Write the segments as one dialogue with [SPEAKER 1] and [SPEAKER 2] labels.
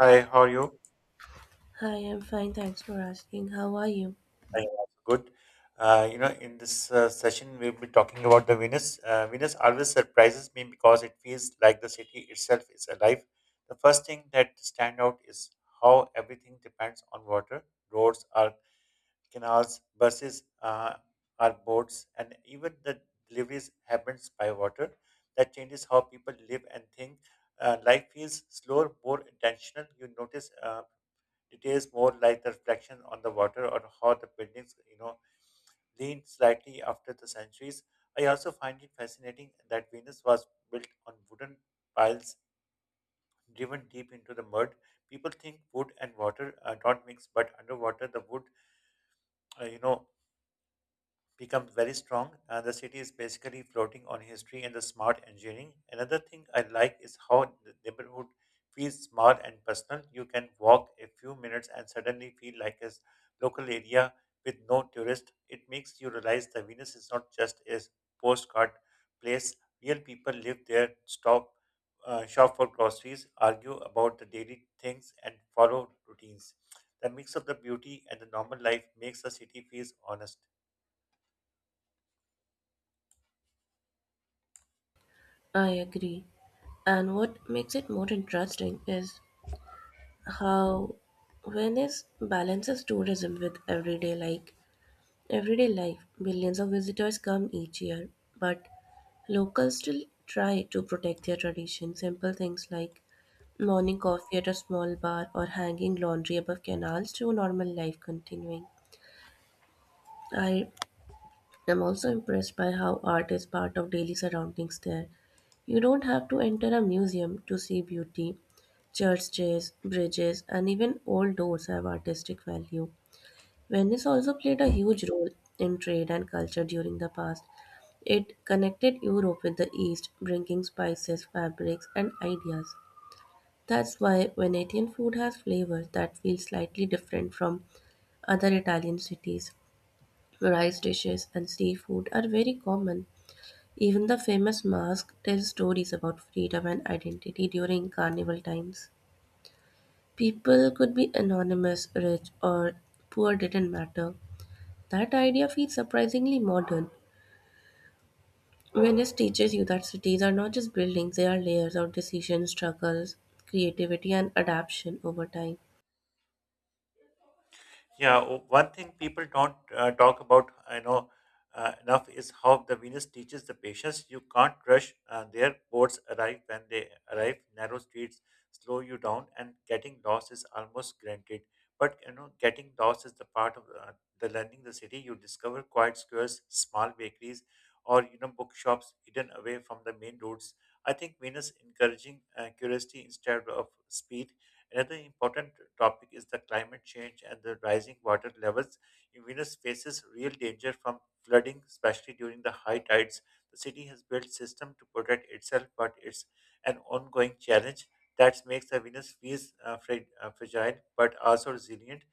[SPEAKER 1] Hi, how are you?
[SPEAKER 2] Hi, I'm fine, thanks for asking. How are you?
[SPEAKER 1] I am also good. In this session, we'll be talking about the Venus. Venus always surprises me because it feels like the city itself is alive. The first thing that stand out is how everything depends on water. Roads are canals, buses are boats, and even the deliveries happens by water. That changes how people live and think. Life feels slower, more intentional. You notice it is more like the reflection on the water or how the buildings, leaned slightly after the centuries. I also find it fascinating that Venus was built on wooden piles driven deep into the mud. People think wood and water don't mix, but underwater the wood, uh, you know, becomes very strong. The city is basically floating on history and the smart engineering. Another thing I like is how the neighborhood feels small and personal. You can walk a few minutes and suddenly feel like a local area with no tourist. It makes you realize that Venus is not just a postcard place. Real people live there, stop, shop for groceries, argue about the daily things, and follow routines. The mix of the beauty and the normal life makes the city feel honest.
[SPEAKER 2] I agree. And what makes it more interesting is how Venice balances tourism with everyday life. Millions of visitors come each year, but locals still try to protect their tradition. Simple things like morning coffee at a small bar or hanging laundry above canals to normal life continuing. I am also impressed by how art is part of daily surroundings there. You don't have to enter a museum to see beauty. Churches, bridges, and even old doors have artistic value. Venice also played a huge role in trade and culture during the past. It connected Europe with the East, bringing spices, fabrics, and ideas. That's why Venetian food has flavor that feels slightly different from other Italian cities. Rice dishes and seafood are very common, even the famous mask tells stories about freedom and identity during carnival times. People could be anonymous, rich, or poor didn't matter. That idea feels surprisingly modern. Venice teaches you that cities are not just buildings, they are layers of decision, struggles, creativity, and adaptation over time.
[SPEAKER 1] Yeah, one thing people don't talk about, I know enough, is how the Venus teaches the patients. You can't rush. Their boats arrive when they arrive. Narrow streets slow you down, and getting lost is almost granted. But you know, getting lost is the part of the learning the city. You discover quiet squares, small bakeries, or you know, bookshops hidden away from the main roads. I think Venus encouraging curiosity instead of speed. Another important topic is the climate change and the rising water levels. Venus faces real danger from flooding, especially during the high tides. The city has built system to protect itself, but it's an ongoing challenge that makes the Venus feel fragile but also resilient.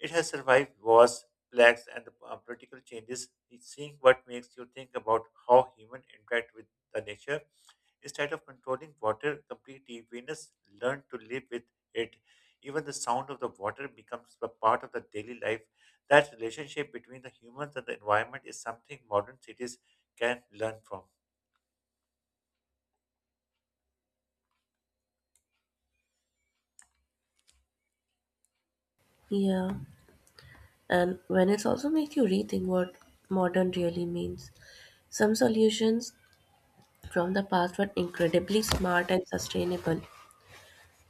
[SPEAKER 1] It has survived wars, plagues, and political changes. It's seeing what makes you think about how human interact with the nature. Instead of controlling water completely, Venus learned to live with it. Even the sound of the water becomes a part of the daily life. That relationship between the humans and the environment is something modern cities can learn from.
[SPEAKER 2] Yeah, and Venice also makes you rethink what modern really means. Some solutions from the past were incredibly smart and sustainable.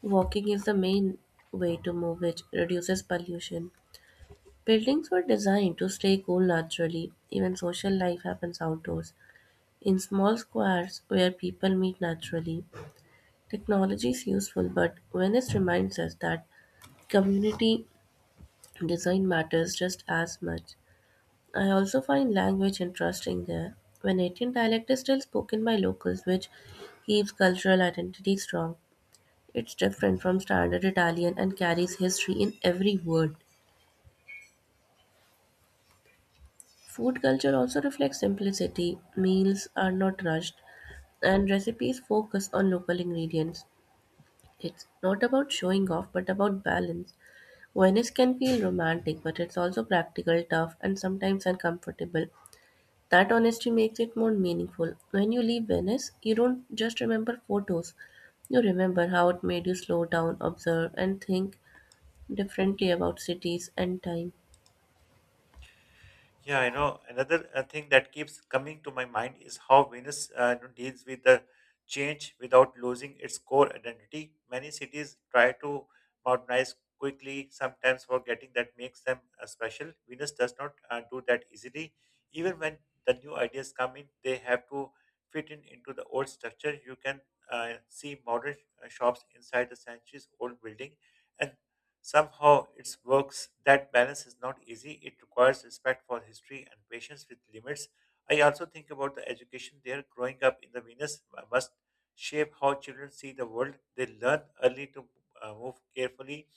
[SPEAKER 2] Walking is the main way to move, which reduces pollution. Buildings were designed to stay cool naturally. Even social life happens outdoors, in small squares where people meet naturally. Technology is useful, but Venice reminds us that community design matters just as much. I also find language interesting there. Venetian dialect is still spoken by locals, which keeps cultural identity strong. It's different from standard Italian and carries history in every word. Food culture also reflects simplicity. Meals are not rushed, and recipes focus on local ingredients. It's not about showing off, but about balance. Venice can feel romantic, but it's also practical, tough, and sometimes uncomfortable. That honesty makes it more meaningful. When you leave Venice, you don't just remember photos, you remember how it made you slow down, observe, and think differently about cities and time.
[SPEAKER 1] Yeah, you know, another thing that keeps coming to my mind is how Venus deals with the change without losing its core identity. Many cities try to modernize quickly, sometimes forgetting that makes them special. Venus does not do that easily. Even when the new ideas come in, they have to fit in into the old structure. You can see modern shops inside the centuries-old building, and somehow, it works. That balance is not easy. It requires respect for history and patience with limits. I also think about the education there. Growing up in the Venus must shape how children see the world. They learn early to move carefully,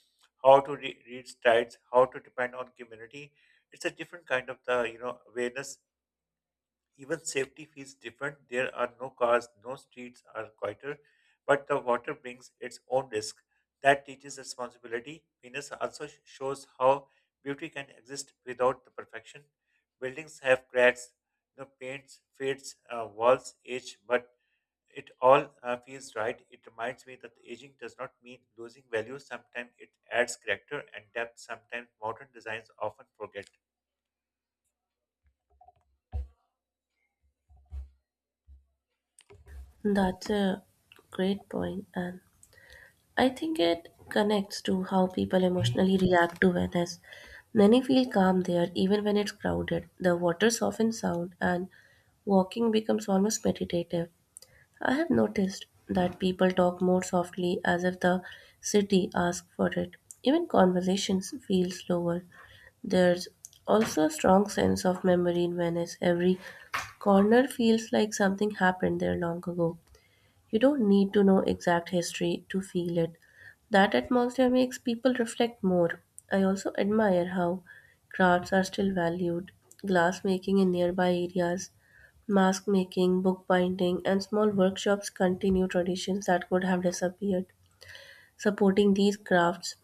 [SPEAKER 1] how to read tides, how to depend on community. It's a different kind of the awareness. Even safety feels different. There are no cars, no streets are quieter, but the water brings its own risk. That teaches responsibility. Venus also shows how beauty can exist without the perfection. Buildings have cracks, you know, paints fades, walls age, but it all feels right. It reminds me that aging does not mean losing value. Sometimes it adds character and depth. Sometimes modern designs often forget.
[SPEAKER 2] That's a great point, and I think it connects to how people emotionally react to Venice. Many feel calm there, even when it's crowded. The water softens sound, and walking becomes almost meditative. I have noticed that people talk more softly as if the city asks for it. Even conversations feel slower. There's also a strong sense of memory in Venice. Every corner feels like something happened there long ago. You don't need to know exact history to feel it. That atmosphere makes people reflect more. I also admire how crafts are still valued. Glass making in nearby areas, mask making, book binding, and small workshops continue traditions that could have disappeared. Supporting these crafts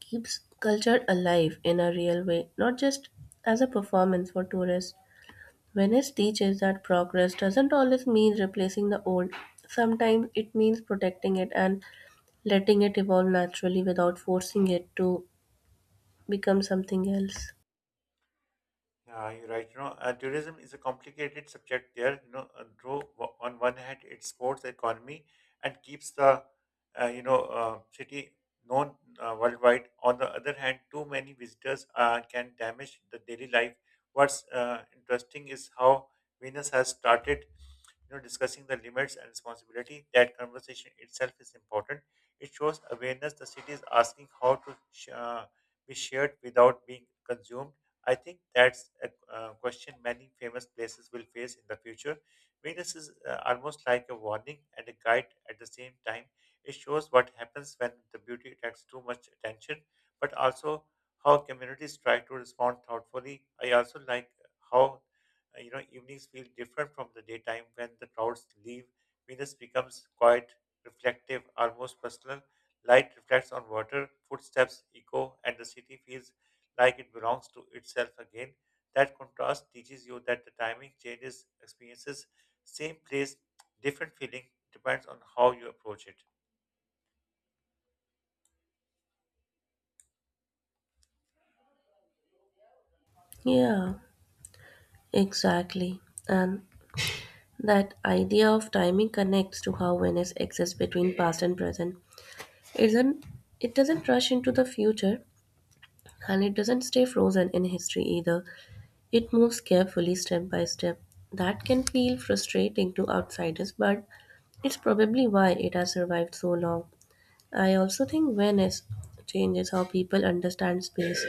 [SPEAKER 2] keeps culture alive in a real way, not just as a performance for tourists. Venice teaches that progress doesn't always mean replacing the old. Sometimes it means protecting it and letting it evolve naturally without forcing it to become something else.
[SPEAKER 1] Yeah, you're right. You know, tourism is a complicated subject there. You know, though on one hand, it supports the economy and keeps the, city known worldwide. On the other hand, too many visitors can damage the daily life. What's interesting is how Venus has started discussing the limits and responsibility. That conversation itself is important. It shows awareness. The city is asking how to be shared without being consumed. I think that's a question many famous places will face in the future. Venus is almost like a warning and a guide at the same time. It shows what happens when the beauty attracts too much attention, but also how communities try to respond thoughtfully. I also like how evenings feel different from the daytime when the crowds leave. Venus becomes quiet, reflective, almost personal. Light reflects on water, footsteps echo, and the city feels like it belongs to itself again. That contrast teaches you that the timing changes experiences, same place, different feeling, depends on how you approach it.
[SPEAKER 2] Yeah, exactly. And that idea of timing connects to how Venice exists between past and present. It doesn't, it doesn't rush into the future and it doesn't stay frozen in history either. It moves carefully step by step. That can feel frustrating to outsiders, but it's probably why it has survived so long. I also think Venice changes how people understand space.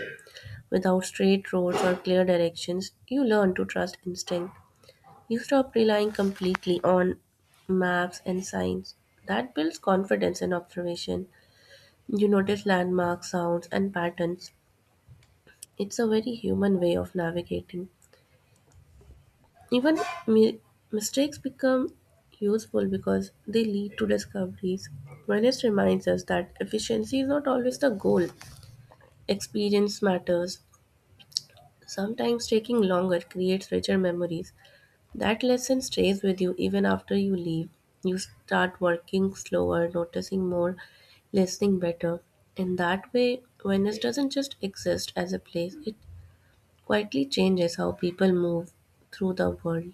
[SPEAKER 2] Without straight roads or clear directions, you learn to trust instinct. You stop relying completely on maps and signs. That builds confidence in observation. You notice landmarks, sounds, and patterns. It's a very human way of navigating. Even mi- mistakes become useful because they lead to discoveries. Venice reminds us that efficiency is not always the goal. Experience matters. Sometimes taking longer creates richer memories. That lesson stays with you even after you leave. You start working slower, noticing more, listening better. In that way, Venice doesn't just exist as a place, it quietly changes how people move through the world.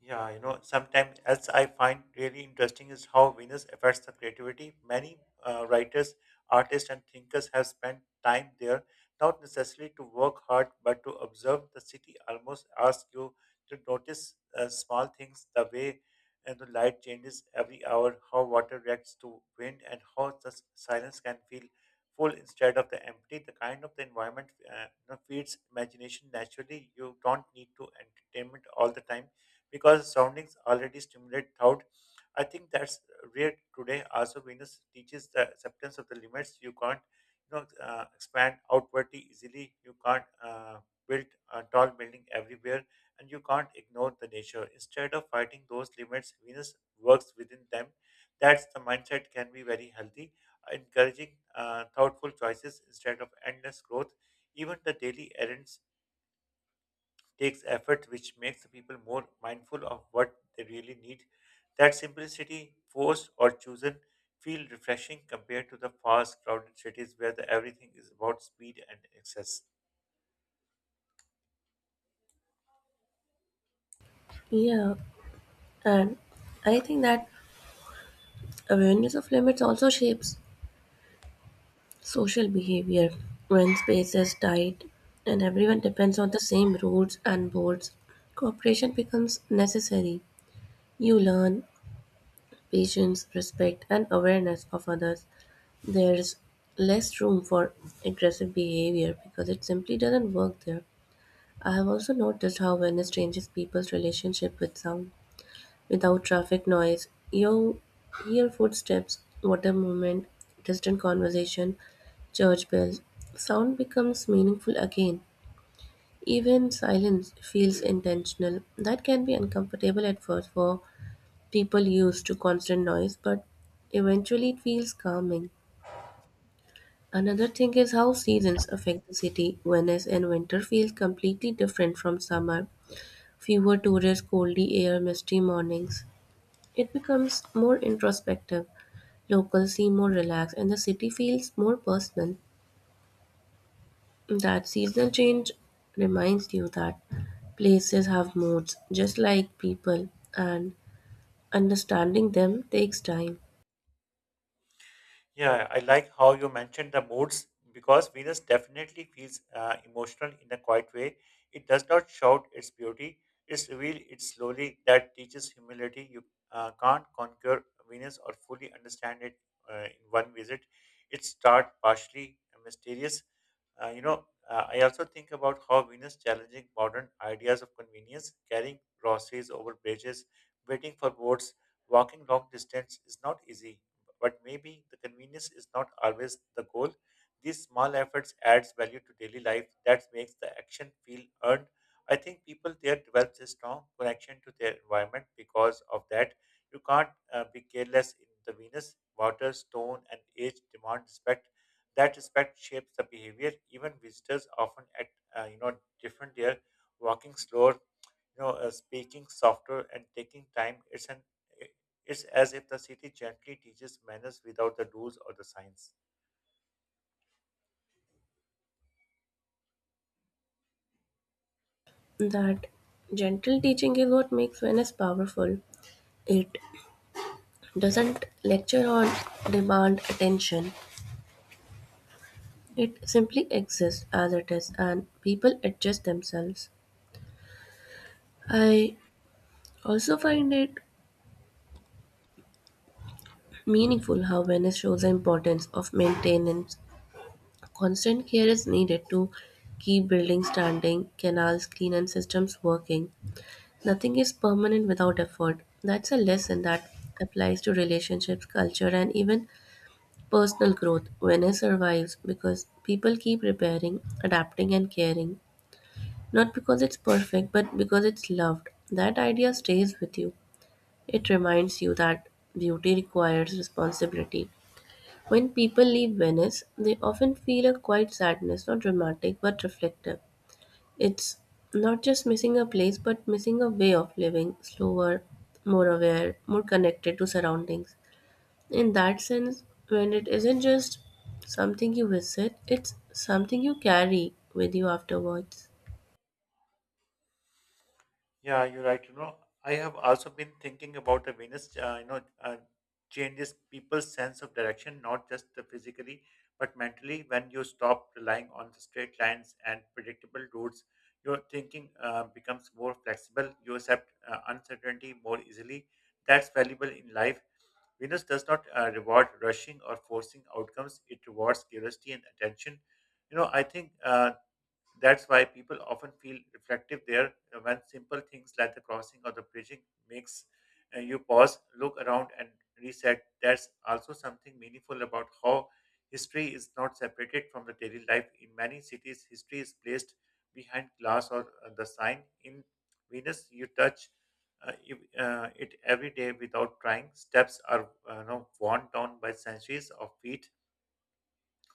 [SPEAKER 1] Yeah, you know, sometimes else I find really interesting is how Venus affects the creativity. Many writers, artists, and thinkers have spent time there, not necessarily to work hard, but to observe the city. Almost ask you to notice small things, the way and the light changes every hour, how water reacts to wind, and how the silence can feel full instead of the empty. The kind of the environment feeds imagination naturally. You don't need to entertainment all the time because surroundings already stimulate thought. I think that's rare today. Also, Venus teaches the acceptance of the limits. You can't expand outwardly easily. You can't build a tall building everywhere, and you can't ignore the nature. Instead of fighting those limits, Venus works within them. That's the mindset can be very healthy, encouraging thoughtful choices instead of endless growth. Even the daily errands takes effort, which makes people more mindful of what they really need. That simplicity, forced or chosen, feel refreshing compared to the fast, crowded cities where the, everything is about speed and excess.
[SPEAKER 2] Yeah, and I think that awareness of limits also shapes social behavior. When space is tight and everyone depends on the same rules and boards, cooperation becomes necessary. You learn patience, respect, and awareness of others. There's less room for aggressive behavior because it simply doesn't work there. I have also noticed how awareness changes people's relationship with sound. Without traffic noise, you hear footsteps, water movement, distant conversation, church bells. Sound becomes meaningful again. Even silence feels intentional. That can be uncomfortable at first for people used to constant noise, but eventually it feels calming. Another thing is how seasons affect the city. Venice in winter feels completely different from summer. Fewer tourists, coldy air, misty mornings. It becomes more introspective. Locals seem more relaxed, and the city feels more personal. That seasonal change reminds you that places have moods, just like people, and understanding them takes time.
[SPEAKER 1] Yeah, I like how you mentioned the moods because Venus definitely feels emotional in a quiet way. It does not shout its beauty, it's revealed it slowly. That teaches humility. You can't conquer Venus or fully understand it in one visit. It starts partially mysterious. I also think about how Venus challenging modern ideas of convenience, carrying groceries over bridges, waiting for boats, walking long distance is not easy, but maybe the convenience is not always the goal. These small efforts adds value to daily life that makes the action feel earned. I think people there develops a strong connection to their environment because of that. You can't be careless in the Venus. Water, stone, and age demand respect. That respect shapes the behavior. Even visitors often act different there, walking slower, speaking softer and taking time. It's as if the city gently teaches manners without the rules or the signs.
[SPEAKER 2] That gentle teaching is what makes Venice powerful. It doesn't lecture or demand attention, it simply exists as it is, and people adjust themselves. I also find it meaningful how Venice shows the importance of maintenance. Constant care is needed to keep buildings standing, canals clean, and systems working. Nothing is permanent without effort. That's a lesson that applies to relationships, culture, and even personal growth. Venice survives because people keep repairing, adapting, and caring. Not because it's perfect, but because it's loved. That idea stays with you. It reminds you that beauty requires responsibility. When people leave Venice, they often feel a quiet sadness, not dramatic but reflective. It's not just missing a place but missing a way of living, slower, more aware, more connected to surroundings. In that sense, when it isn't just something you visit, it's something you carry with you afterwards.
[SPEAKER 1] Yeah, you're right. You know, I have also been thinking about the Venus, changes people's sense of direction, not just the physically, but mentally. When you stop relying on the straight lines and predictable routes, your thinking becomes more flexible. You accept uncertainty more easily. That's valuable in life. Venus does not reward rushing or forcing outcomes. It rewards curiosity and attention. You know, I think that's why people often feel reflective there when simple things like the crossing or the bridging makes you pause, look around, and reset. There's also something meaningful about how history is not separated from the daily life. In many cities, history is placed behind glass or the sign. In Venus, you touch it every day without trying. Steps are worn down by centuries of feet.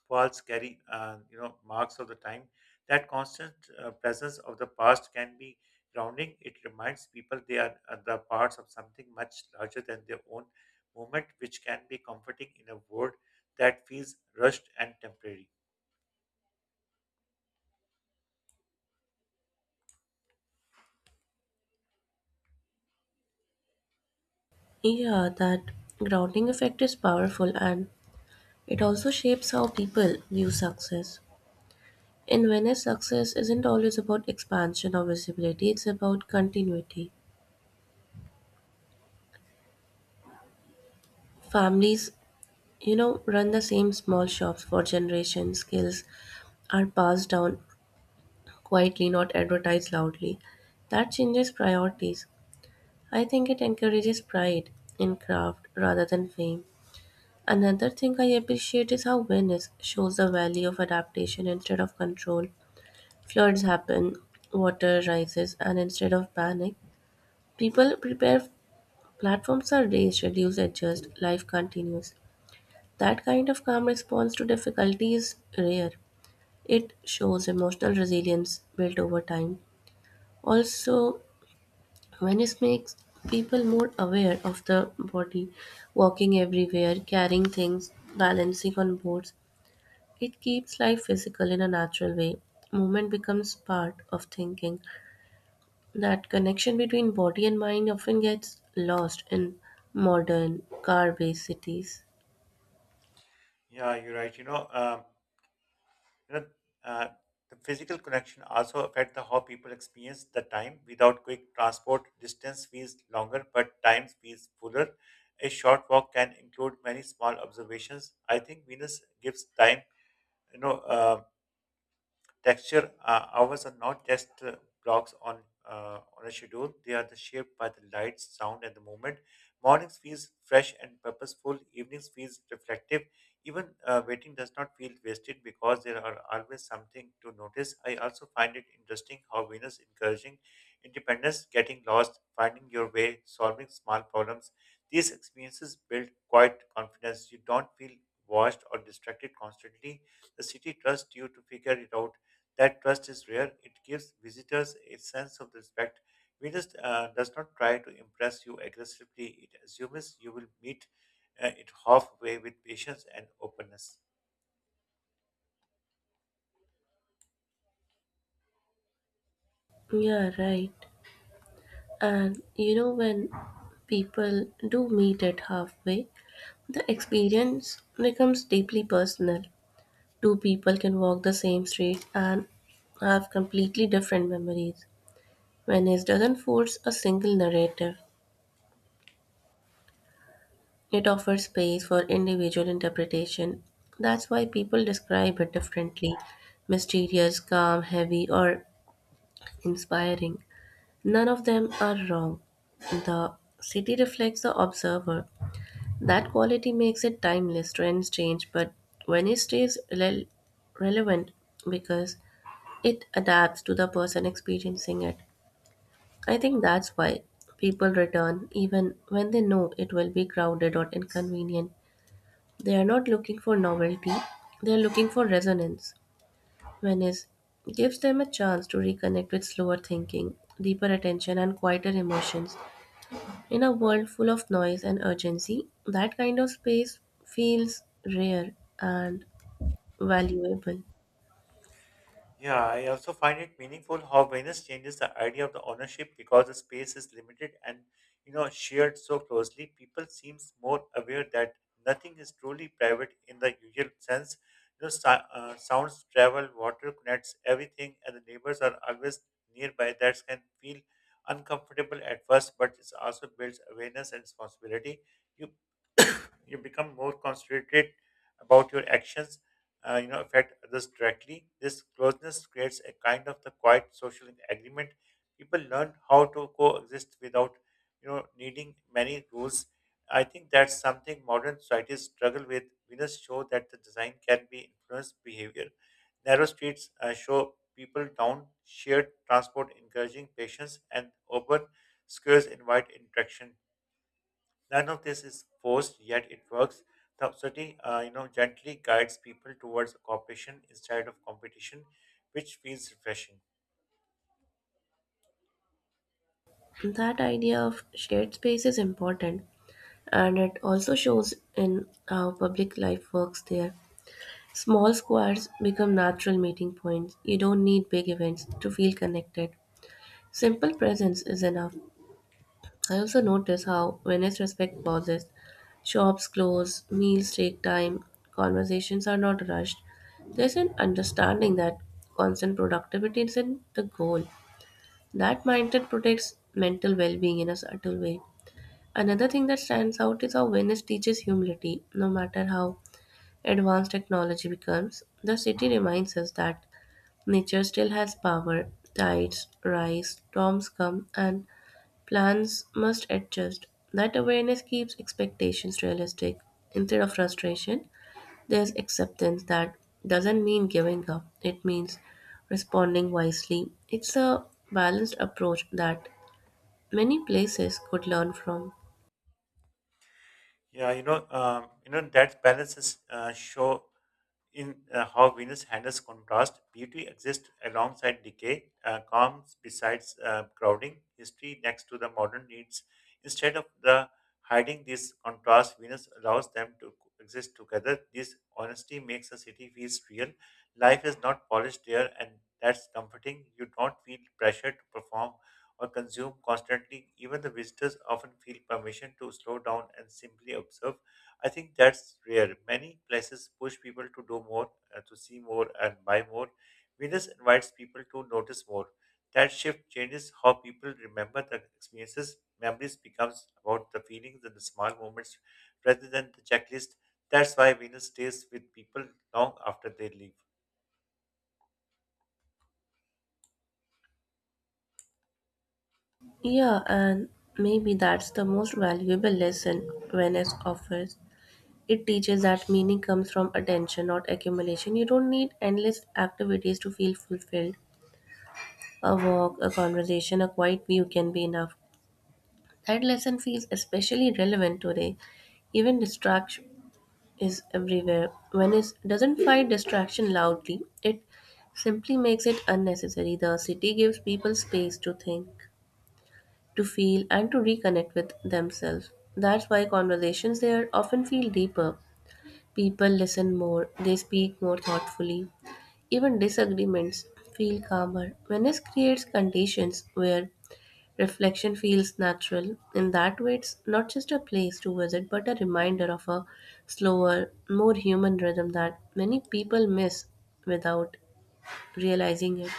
[SPEAKER 1] Falls carry marks of the time. That constant presence of the past can be grounding. It reminds people are the parts of something much larger than their own moment, which can be comforting in a world that feels rushed and temporary.
[SPEAKER 2] Yeah, that grounding effect is powerful and it also shapes how people view success. In Venice, success isn't always about expansion or visibility, it's about continuity. Families, you know, run the same small shops for generations, skills are passed down quietly, not advertised loudly. That changes priorities. I think it encourages pride in craft rather than fame. Another thing I appreciate is how Venice shows the value of adaptation instead of control. Floods happen, water rises, and instead of panic, people prepare. Platforms are raised, reduced, adjust, life continues. That kind of calm response to difficulty is rare. It shows emotional resilience built over time. Also, Venice makes people more aware of the body, walking everywhere, carrying things, balancing on boards. It keeps life physical in a natural way. Movement becomes part of thinking. That connection between body and mind often gets lost in modern, car based cities.
[SPEAKER 1] Yeah, you're right. You know, You know, uh, the physical connection also affect the how people experience the time. Without quick transport, distance feels longer, but time feels fuller. A short walk can include many small observations. I think Venus gives time, you know, uh, texture. Hours are not just blocks on a schedule; they are the shaped by the light, sound, and the movement. Mornings feels fresh and purposeful. Evenings feels reflective. Even waiting does not feel wasted because there are always something to notice. I also find it interesting how Venus encouraging independence, getting lost, finding your way, solving small problems. These experiences build quiet confidence. You don't feel washed or distracted constantly. The city trusts you to figure it out. That trust is rare. It gives visitors a sense of respect. Venus does not try to impress you aggressively. It assumes you will meet it halfway with patience and openness.
[SPEAKER 2] Yeah, right. And you know, when people do meet at halfway, the experience becomes deeply personal. Two people can walk the same street and have completely different memories. Venice doesn't force a single narrative, it offers space for individual interpretation. That's why people describe it differently: mysterious, calm, heavy, or inspiring. None of them are wrong. The city reflects the observer. That quality makes it timeless. Trends change, but when it stays relevant because it adapts to the person experiencing it. I think that's why people return even when they know it will be crowded or inconvenient. They are not looking for novelty, they are looking for resonance. Venice gives them a chance to reconnect with slower thinking, deeper attention, and quieter emotions. In a world full of noise and urgency, that kind of space feels rare and valuable.
[SPEAKER 1] Yeah, I also find it meaningful how Venus changes the idea of the ownership because the space is limited and, you know, shared so closely. People seems more aware that nothing is truly private in the usual sense. You know, so, sounds travel, water connects everything, and the neighbors are always nearby. That can feel uncomfortable at first, but it also builds awareness and responsibility. You you become more concentrated about your actions, you know, affect others directly. This closeness creates a kind of the quiet social agreement. People learn how to coexist without, you know, needing many rules. I think that's something modern societies struggle with. Winners show that the design can be influenced behavior. Narrow streets show people down, shared transport encouraging patience, and open squares invite interaction. None of this is forced, yet it works. The study, you know, gently guides people towards cooperation instead of competition, which feels refreshing.
[SPEAKER 2] That idea of shared space is important and it also shows in how public life works there. Small squares become natural meeting points. You don't need big events to feel connected. Simple presence is enough. I also notice how, Venice I respect pauses, shops close, meals take time, conversations are not rushed. There's an understanding that constant productivity isn't the goal. That mindset protects mental well being in a subtle way. Another thing that stands out is how Venice teaches humility. No matter how advanced technology becomes, the city reminds us that nature still has power. Tides rise, storms come, and plans must adjust. That awareness keeps expectations realistic. Instead of frustration, there's acceptance that doesn't mean giving up, it means responding wisely. It's a balanced approach that many places could learn from.
[SPEAKER 1] Yeah, you know that balances show in how Venus handles contrast, beauty exists alongside decay, calms besides crowding, history next to the modern needs. Instead of the hiding these contrasts, Venus allows them to exist together. This honesty makes a city feel real. Life is not polished there, and that's comforting. You don't feel pressure to perform or consume constantly. Even the visitors often feel permission to slow down and simply observe. I think that's rare. Many places push people to do more, to see more, and buy more. Venus invites people to notice more. That shift changes how people remember the experiences. Memories becomes about the feelings and the small moments rather than the checklist. That's why Venus stays with people long after they leave.
[SPEAKER 2] Yeah, and maybe that's the most valuable lesson Venice offers. It teaches that meaning comes from attention, not accumulation. You don't need endless activities to feel fulfilled. A walk, a conversation, a quiet view can be enough. That lesson feels especially relevant today. Even distraction is everywhere. When it doesn't fight distraction loudly, it simply makes it unnecessary. The city gives people space to think, to feel, and to reconnect with themselves. That's why conversations there often feel deeper. People listen more, they speak more thoughtfully. Even disagreements feel calmer. Venice creates conditions where reflection feels natural. In that way, it's not just a place to visit, but a reminder of a slower, more human rhythm that many people miss without realizing it.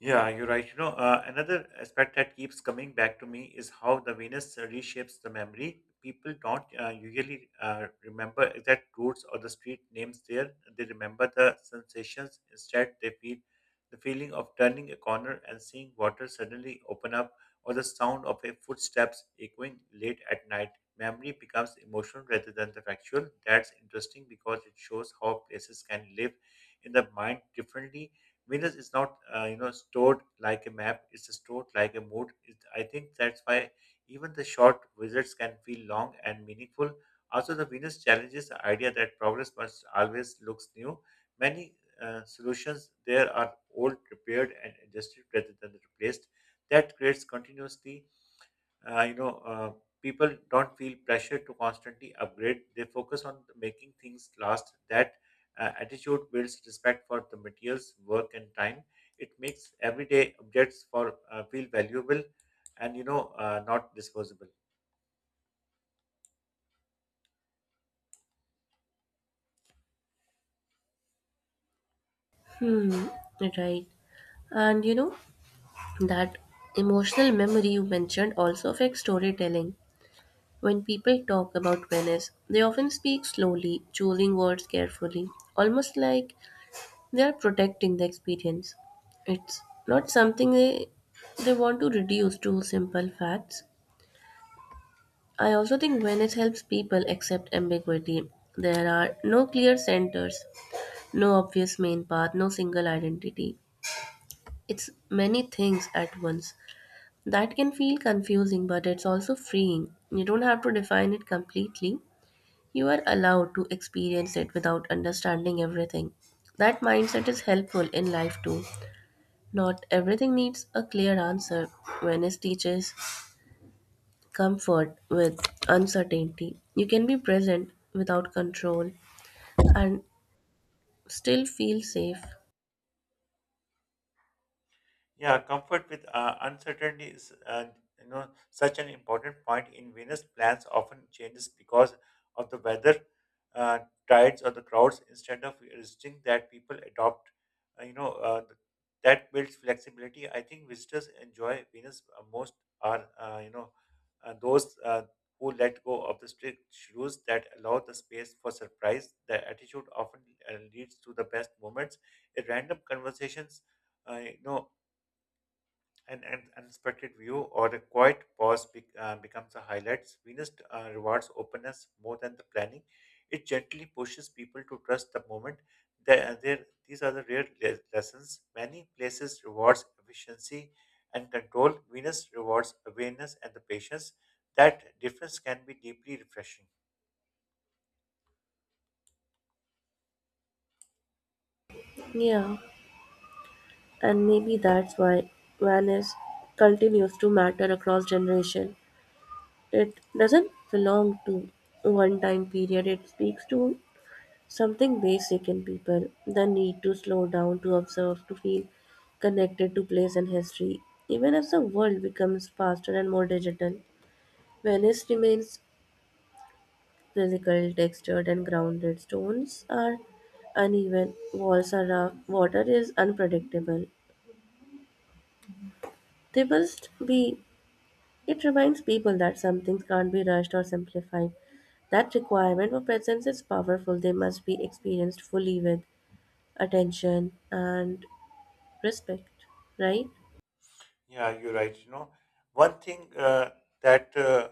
[SPEAKER 1] Yeah, you're right. You know, another aspect that keeps coming back to me is how the Venus reshapes the memory. People don't usually remember exact routes or the street names there. They remember the sensations. Instead, they feel the feeling of turning a corner and seeing water suddenly open up, or the sound of a footsteps echoing late at night. Memory becomes emotional rather than the factual. That's interesting because it shows how places can live in the mind differently. Venus is not, you know, stored like a map. It's stored like a mood. I think that's why even the short visits can feel long and meaningful. Also, the Venus challenges the idea that progress must always looks new. Many solutions there are old, repaired, and adjusted rather than replaced. That creates continuously, uh, you know uh, people don't feel pressure to constantly upgrade. They focus on making things last. That attitude builds respect for the materials, work, and time. It makes everyday objects for feel valuable and, not disposable.
[SPEAKER 2] Hmm, right. And you know, that emotional memory you mentioned also affects storytelling. When people talk about Venice, they often speak slowly, choosing words carefully, almost like they are protecting the experience. It's not something they want to reduce to simple facts. I also think Venice helps people accept ambiguity. There are no clear centers, no obvious main path, no single identity. It's many things at once. That can feel confusing, but it's also freeing. You don't have to define it completely. You are allowed to experience it without understanding everything. That mindset is helpful in life too. Not everything needs a clear answer. Venice teaches comfort with uncertainty. You can be present without control and still feel safe.
[SPEAKER 1] Yeah, comfort with uncertainty is, you know, such an important point. In Venus, plans often changes because of the weather, uh, tides, or the crowds. Instead of resisting that, people adopt. Uh, you know, uh, th- that builds flexibility. I think visitors enjoy Venus most are you know those who let go of the strict rules that allow the space for surprise. The attitude often leads to the best moments. A random conversations. uh, you know an unexpected view or a quiet pause becomes a highlight. Venus rewards openness more than the planning. It gently pushes people to trust the moment. These are the rare lessons. Many places rewards efficiency and control. Venus rewards awareness and the patience. That difference can be deeply refreshing.
[SPEAKER 2] Yeah, and maybe that's why Venice continues to matter across generation. It doesn't belong to one time period. It speaks to something basic in people: the need to slow down, to observe, to feel connected to place and history. Even as the world becomes faster and more digital, Venice remains physical, textured, and grounded. Stones are uneven, walls are rough, water is unpredictable. They must be. It reminds people that some things can't be rushed or simplified. That requirement for presence is powerful. They must be experienced fully with attention and respect, right?
[SPEAKER 1] Yeah, you're right. You know, one thing that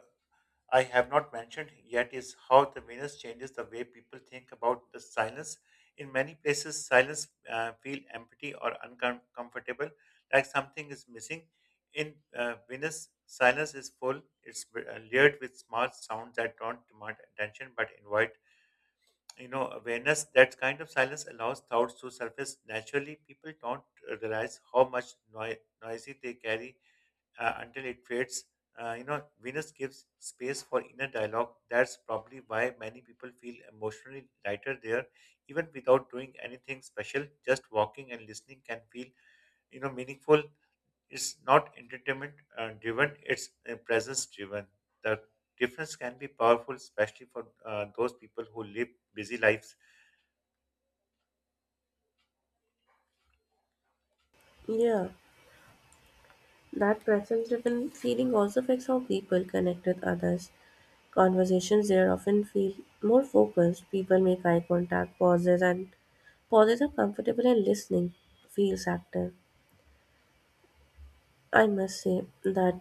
[SPEAKER 1] I have not mentioned yet is how the Venus changes the way people think about the silence. In many places, silence feel empty or uncomfortable, like something is missing. In Venus, silence is full. It's layered with small sounds that don't demand attention but invite, you know, awareness. That kind of silence allows thoughts to surface naturally. People don't realize how much noisy they carry until it fades. You know, Venus gives space for inner dialogue. That's probably why many people feel emotionally lighter there, even without doing anything special. Just walking and listening can feel, you know, meaningful. It's not entertainment driven; it's presence driven. The difference can be powerful, especially for those people who live busy lives.
[SPEAKER 2] Yeah, that preference driven feeling also affects how people connect with others. Conversations there often feel more focused. People make eye contact, pauses, and pauses are comfortable and listening feels active. I must say that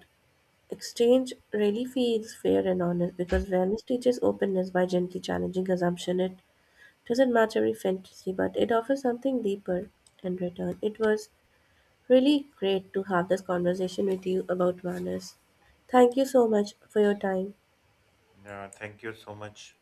[SPEAKER 2] exchange really feels fair and honest because fairness teaches openness by gently challenging assumption. It doesn't match every fantasy, but it offers something deeper in return. It was really great to have this conversation with you about manners. Thank you so much for your time.
[SPEAKER 1] Yeah, thank you so much.